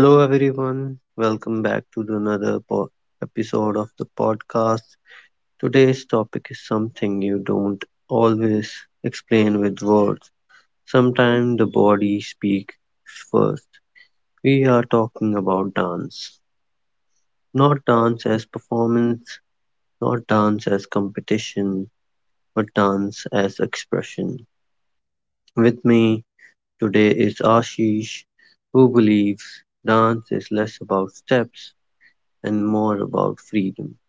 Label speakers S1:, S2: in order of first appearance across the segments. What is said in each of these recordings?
S1: Hello, everyone. Welcome back to episode of the podcast. Today's topic is something you don't always explain with words. Sometimes the body speaks first. We are talking about dance. Not dance as performance, not dance as competition, but dance as expression. With me today is Ashish, who believes dance is less about steps and more about freedom.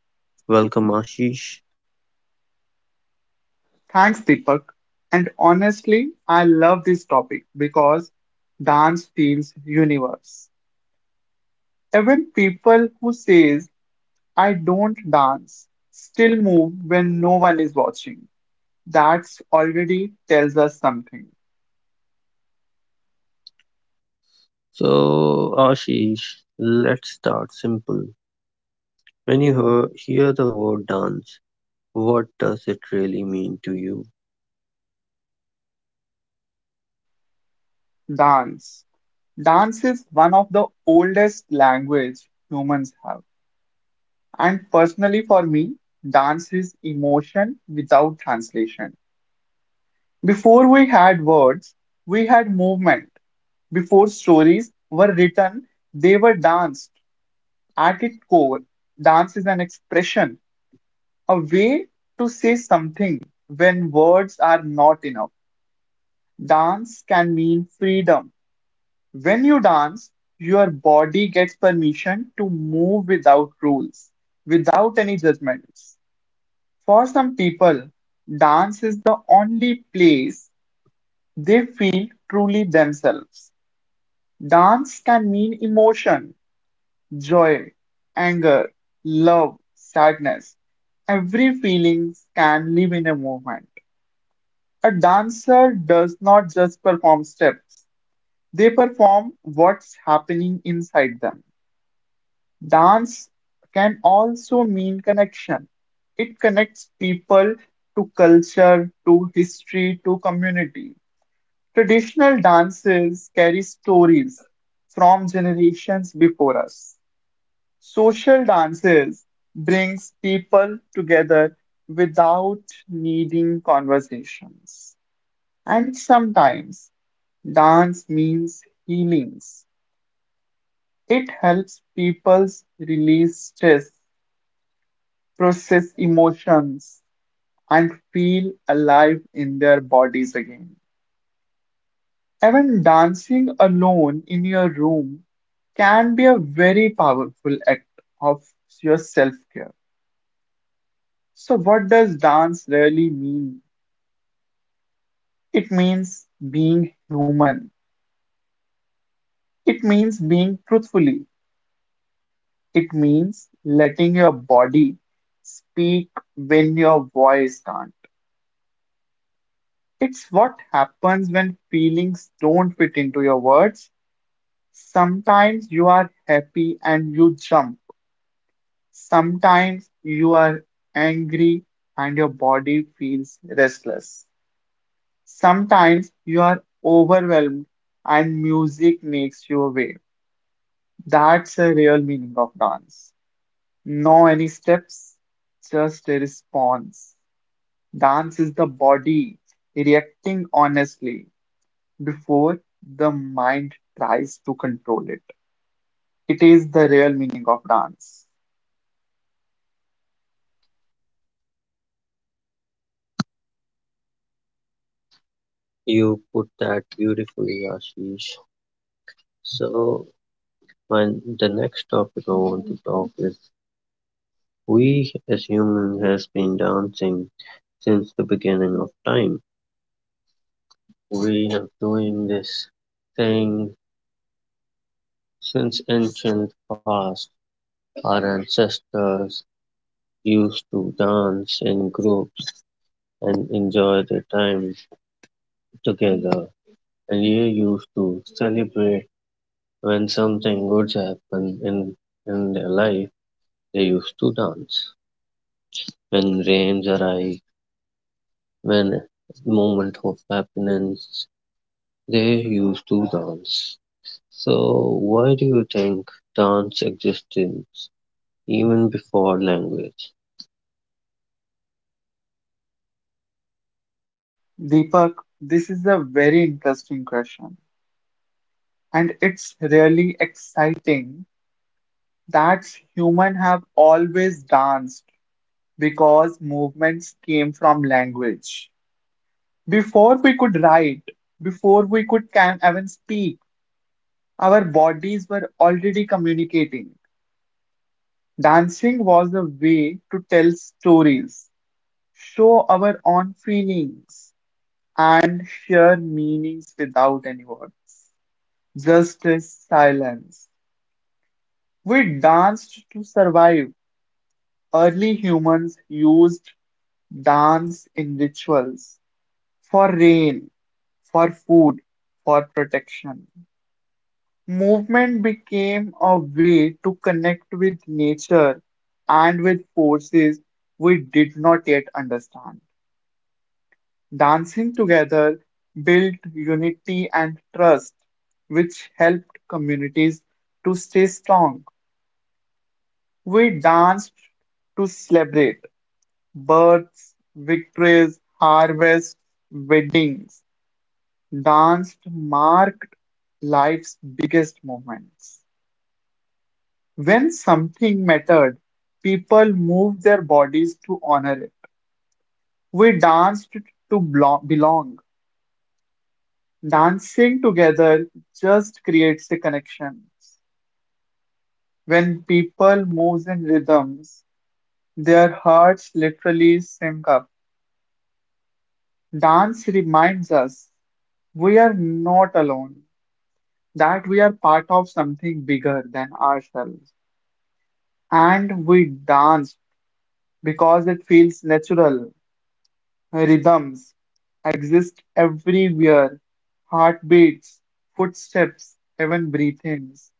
S1: Welcome, Ashish.
S2: Thanks, Deepak. And honestly, I love this topic because dance feels universe. Even people who says I don't dance still move when no one is watching. That's already tells us something.
S1: So, Ashish, let's start simple. When you hear the word dance, what does it really mean to you?
S2: Dance. Dance is one of the oldest language humans have. And personally for me, dance is emotion without translation. Before we had words, we had movement. Before stories were written, they were danced. At its core, dance is an expression, a way to say something when words are not enough. Dance can mean freedom. When you dance, your body gets permission to move without rules, without any judgments. For some people, dance is the only place they feel truly themselves. Dance can mean emotion, joy, anger, love, sadness. Every feeling can live in a movement. A dancer does not just perform steps, they perform what's happening inside them. Dance can also mean connection. It connects people to culture, to history, to community. Traditional dances carry stories from generations before us. Social dances brings people together without needing conversations. And sometimes dance means healings. It helps people release stress, process emotions, and feel alive in their bodies again. Even dancing alone in your room can be a very powerful act of your self care. So, what does dance really mean? It means being human. It means being truthfully. It means letting your body speak when your voice can't. It's what happens when feelings don't fit into your words. Sometimes you are happy and you jump. Sometimes you are angry and your body feels restless. Sometimes you are overwhelmed and music makes you away. That's the real meaning of dance. No any steps, just a response. Dance is the body reacting honestly before the mind tries to control it. It is the real meaning of dance.
S1: You put that beautifully, Ashish. So, when the next topic I want to talk is we as humans has been dancing since the beginning of time. We have doing this thing since ancient past. Our ancestors used to dance in group. And enjoy the time together. And you used to celebrate when something good happened in their life, they used to dance. When rains arrive, when moment of happiness, they used to dance. So why do you think dance existed even before language?
S2: Deepak, this is a very interesting question and it's really exciting that humans have always danced because movements came from language. Before we could write, before we could can even speak, our bodies were already communicating. Dancing was a way to tell stories, show our own feelings, and share meanings without any words. Just as silence. We danced to survive. Early humans used dance in rituals for rain, for food, for protection. Movement became a way to connect with nature and with forces we did not yet understand. Dancing together built unity and trust, which helped communities to stay strong. We danced to celebrate births, victories, harvests, weddings. Danced marked life's biggest moments. When something mattered, people moved their bodies to honor it. We danced to belong. Dancing together just creates a connection. When people move in rhythms, their hearts literally sync up. Dance reminds us we are not alone, that we are part of something bigger than ourselves. And we danced because it feels natural, rhythms exist everywhere. Heartbeats, footsteps, even breathings.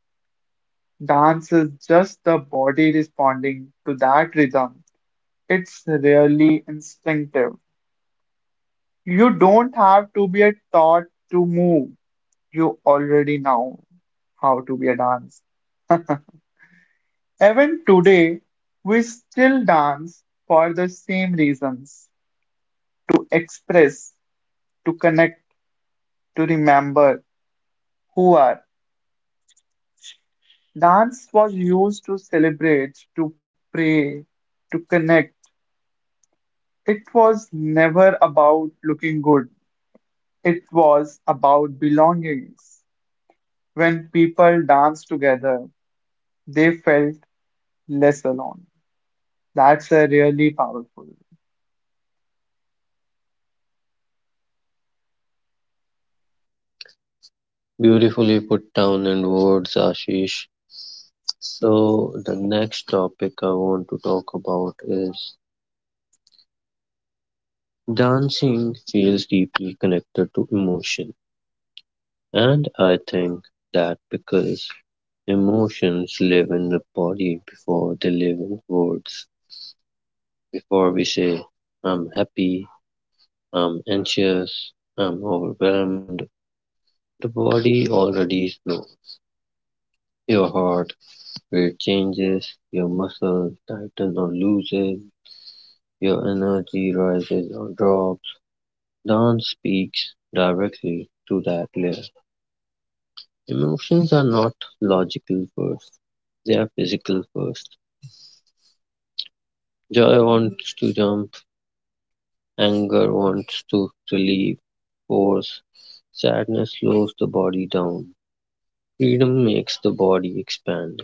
S2: Dance is just the body responding to that rhythm. It's really instinctive. You don't have to be a taught to move. You already know how to be a dance. Even today, we still dance for the same reasons to express, to connect, to remember who are. Dance was used to celebrate, to pray, to connect. It was never about looking good, it was about belongings. When people danced together, they felt less alone. That's a really powerful.
S1: Beautifully put down in words, Ashish. So the next topic I want to talk about is, dancing feels deeply connected to emotion, and I think that because emotions live in the body before they live in words, before we say, I'm happy, I'm anxious, I'm overwhelmed, the body already knows. Your heart rate changes, your muscle tightens or loosens, your energy rises or drops. Dance speaks directly to that layer. Emotions are not logical first, they are physical first. Joy wants to jump, anger wants to relieve force, sadness slows the body down. Freedom makes the body expand.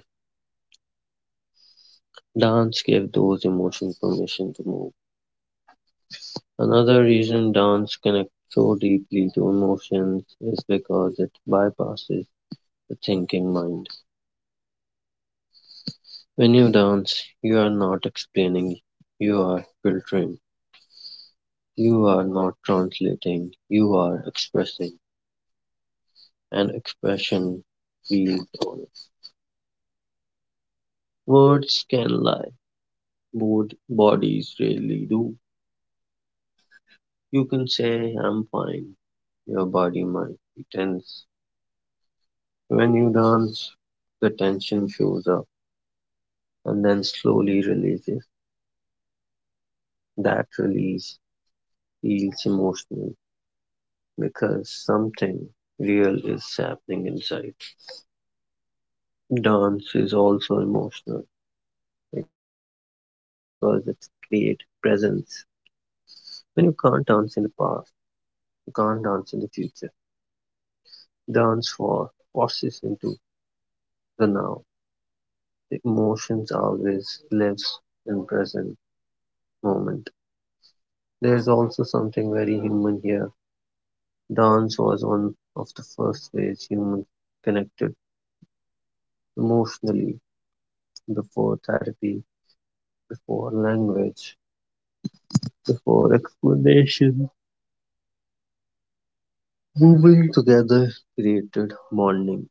S1: Dance gives those emotions permission to move. Another reason dance connects so deeply to emotions is because it bypasses the thinking mind. When you dance, you are not explaining, you are filtering. You are not translating, you are expressing. An expression feels honest. Words can lie, but bodies rarely do. You can say, I'm fine. Your body might be tense. When you dance, the tension shows up and then slowly releases. That release feels emotional because something real is happening inside. Dance is also emotional because it's create presence. When you can't dance in the past, you can't dance in the future. Dance for washes into the now. The emotions always lives in present moment. There's also something very human here. Dance was one of the first ways humans connected emotionally before therapy, before language, before explanation. Moving together created bonding,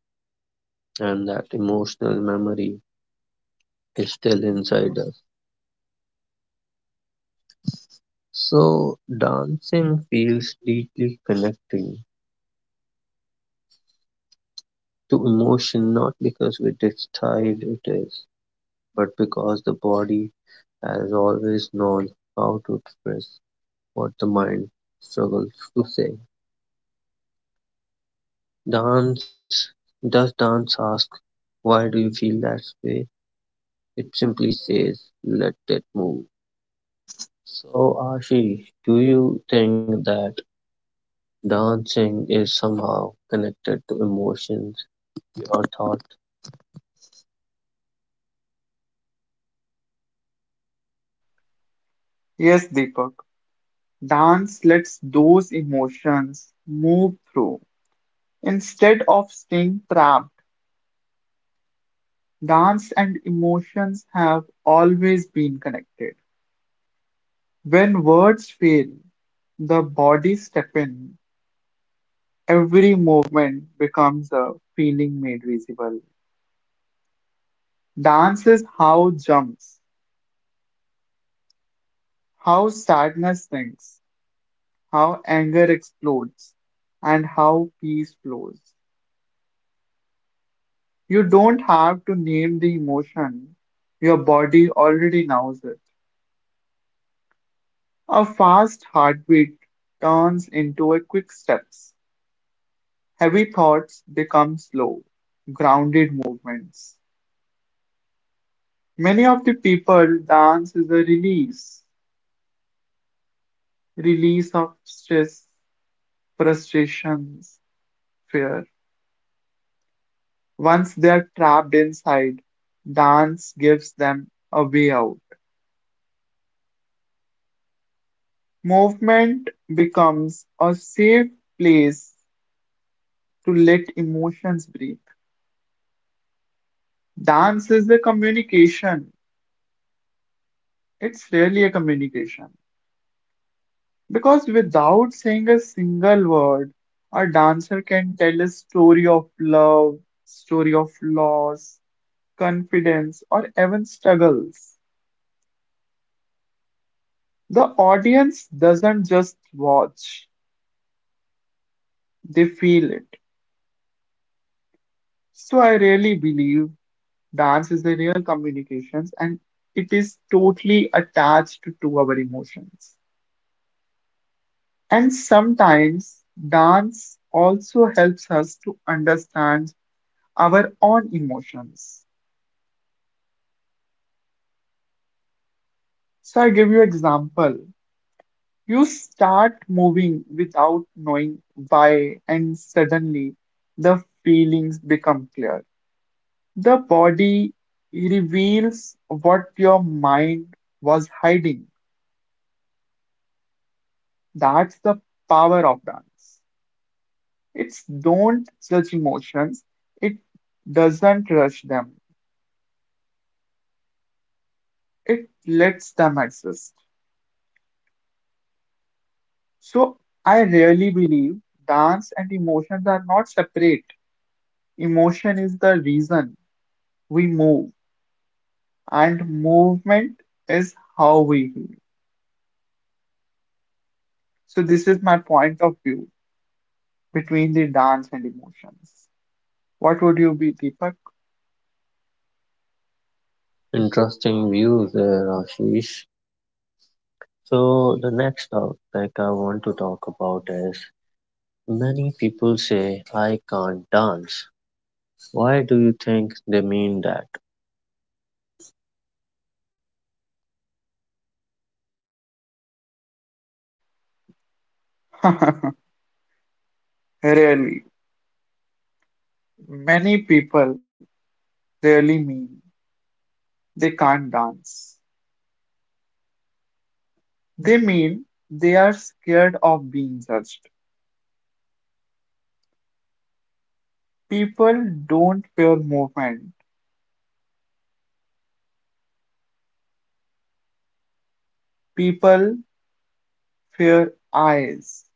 S1: and that emotional memory is still inside us. So dancing feels deeply connecting to emotion not because we decide it is, but because the body has always known how to express what the mind struggles to say. Dance does dance ask, why do you feel that way? It simply says let it move. So Ashish, do you think that dancing is somehow connected to emotions your thoughts?
S2: Yes, Deepak, dance lets those emotions move through. Instead of staying trapped, dance and emotions have always been connected. When words fail, the body steps in. Every movement becomes a feeling made visible. Dance is how jumps, how sadness sinks, how anger explodes, and how peace flows. You don't have to name the emotion. Your body already knows it. A fast heartbeat turns into a quick steps. Heavy thoughts become slow, grounded movements. Many of the people dance is a release, release of stress, frustrations, fear. Once they are trapped inside, dance gives them a way out. Movement becomes a safe place to let emotions breathe. Dance is a communication. It's really a communication. Because without saying a single word, a dancer can tell a story of love, story of loss, confidence, or even struggles. The audience doesn't just watch, they feel it. So I really believe dance is a real communications and it is totally attached to our emotions. And sometimes dance also helps us to understand our own emotions. So I give you example. You start moving without knowing why, and suddenly the feelings become clear. The body reveals what your mind was hiding. That's the power of dance. It's don't judge emotions, it doesn't rush them, it lets them exist. So I really believe dance and emotions are not separate. Emotion is the reason we move and movement is how we heal. So this is my point of view between the dance and emotions. What would you be, Deepak?
S1: Interesting view there, Ashish. So the next topic I want to talk about is many people say I can't dance. Why do you think they mean that?
S2: Really, many people really mean they can't dance. They mean they are scared of being judged. People don't fear movement. People fear eyes.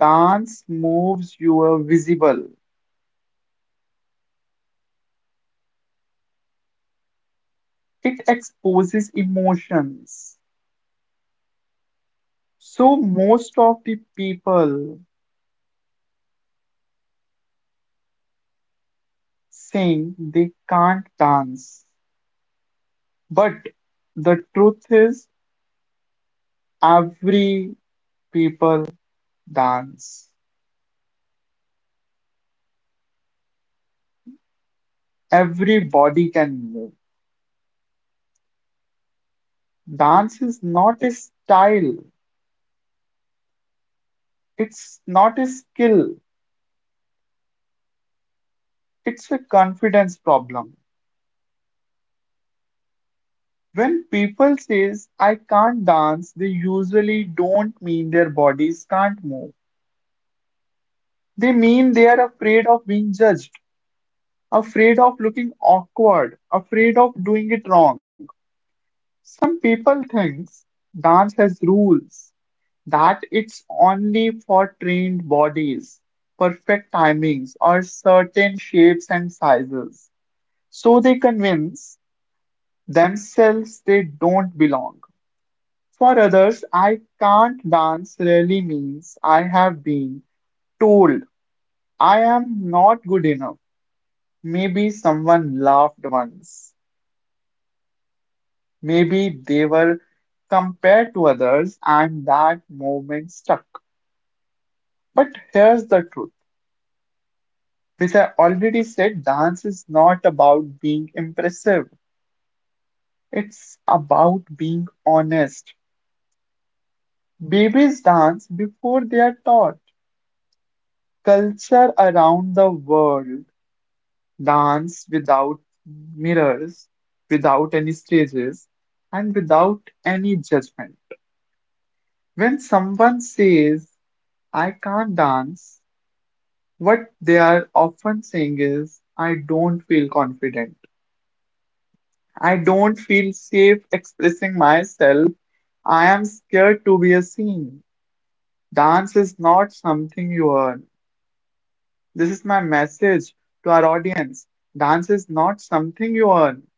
S2: Dance moves you are visible. It exposes emotions. So most of the people saying they can't dance. But the truth is every people dance. Everybody can move. Dance is not a style. It's not a skill. It's a confidence problem. When people says I can't dance, they usually don't mean their bodies can't move. They mean they are afraid of being judged. Afraid of looking awkward, afraid of doing it wrong. Some people think dance has rules, that it's only for trained bodies, perfect timings, or certain shapes and sizes. So they convince themselves they don't belong. For others, I can't dance really means I have been told I am not good enough. Maybe someone laughed once. Maybe they were compared to others and that movement stuck. But here's the truth. Which I already said, dance is not about being impressive. It's about being honest. Babies dance before they are taught. Culture around the world dance without mirrors, without any stages, and without any judgment. When someone says, I can't dance, what they are often saying is, I don't feel confident. I don't feel safe expressing myself. I am scared to be seen. Dance is not something you earn. This is my message to our audience. Dance is not something you earn.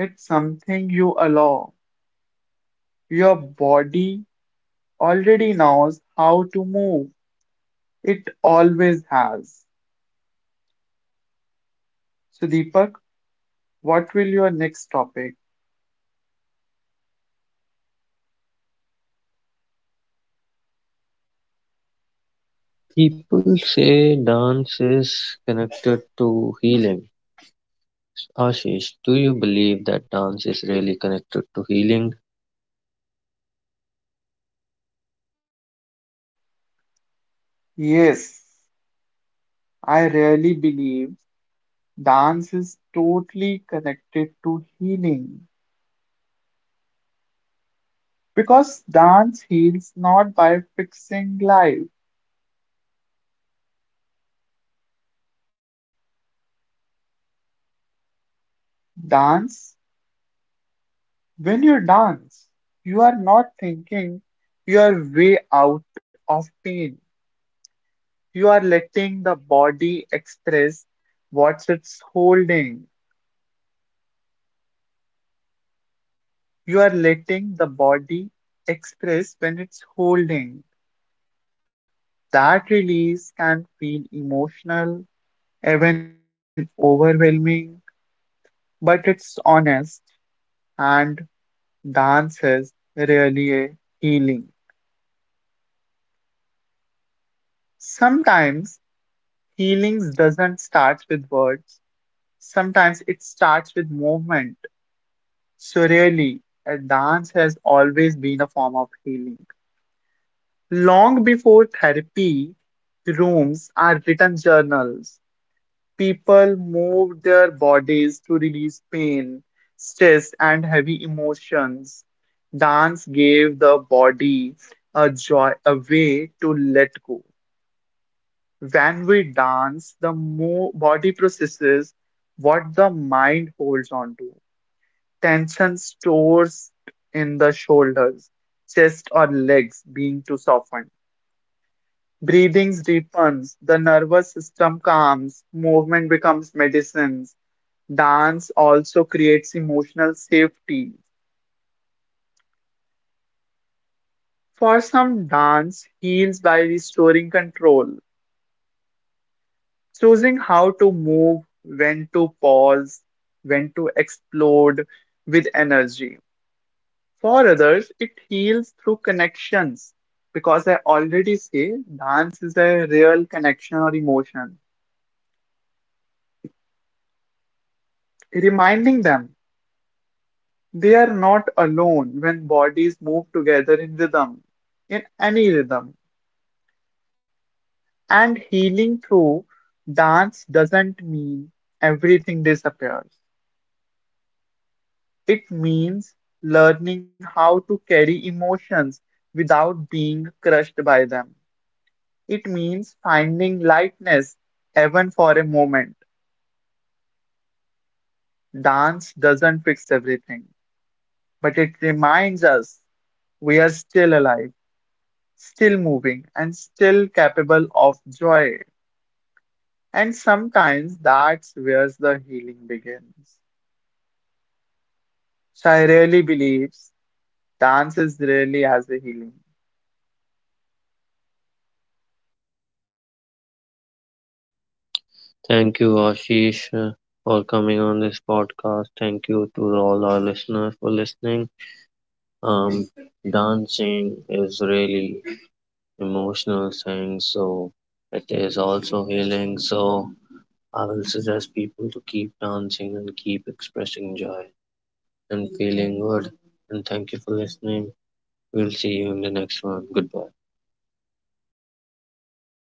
S2: It's something you allow. Your body already knows how to move. It always has. So, Deepak, what will your next topic?
S1: People say dance is connected to healing. Ashish, do you believe that dance is really connected to healing?
S2: Yes. I really believe dance is totally connected to healing because dance heals not by fixing life. Dance, when you dance, you are not thinking, you are way out of pain. You are letting the body express what it's holding. You are letting the body express when it's holding. That release can feel emotional even overwhelming, but it's honest, and dance is really a healing. Sometimes healing doesn't start with words, sometimes it starts with movement. So, really, a dance has always been a form of healing. Long before therapy rooms are written journals, people move their bodies to release pain, stress, and heavy emotions. Dance gave the body a joy, a way to let go. When we dance, the mo body processes what the mind holds on to. Tension stores in the shoulders, chest, or legs being too softened. Breathing deepens, the nervous system calms, movement becomes medicine. Dance also creates emotional safety. For some, dance heals by restoring control, choosing how to move, when to pause, when to explode with energy. For others, it heals through connections. Because I already say dance is a real connection or emotion, reminding them they are not alone when bodies move together in rhythm, in any rhythm. And healing through dance doesn't mean everything disappears. It means learning how to carry emotions without being crushed by them. It means finding lightness even for a moment. Dance doesn't fix everything, but it reminds us we are still alive, still moving, and still capable of joy. And sometimes that's where the healing begins. Shai really believes dance is really has a healing.
S1: Thank you, Ashish, for coming on this podcast. Thank you to all our listeners for listening. Um, Dancing is really emotional thing. So it is also healing. So I will suggest people to keep dancing and keep expressing joy and feeling good. And thank you for listening. We'll see you in the next one. Goodbye.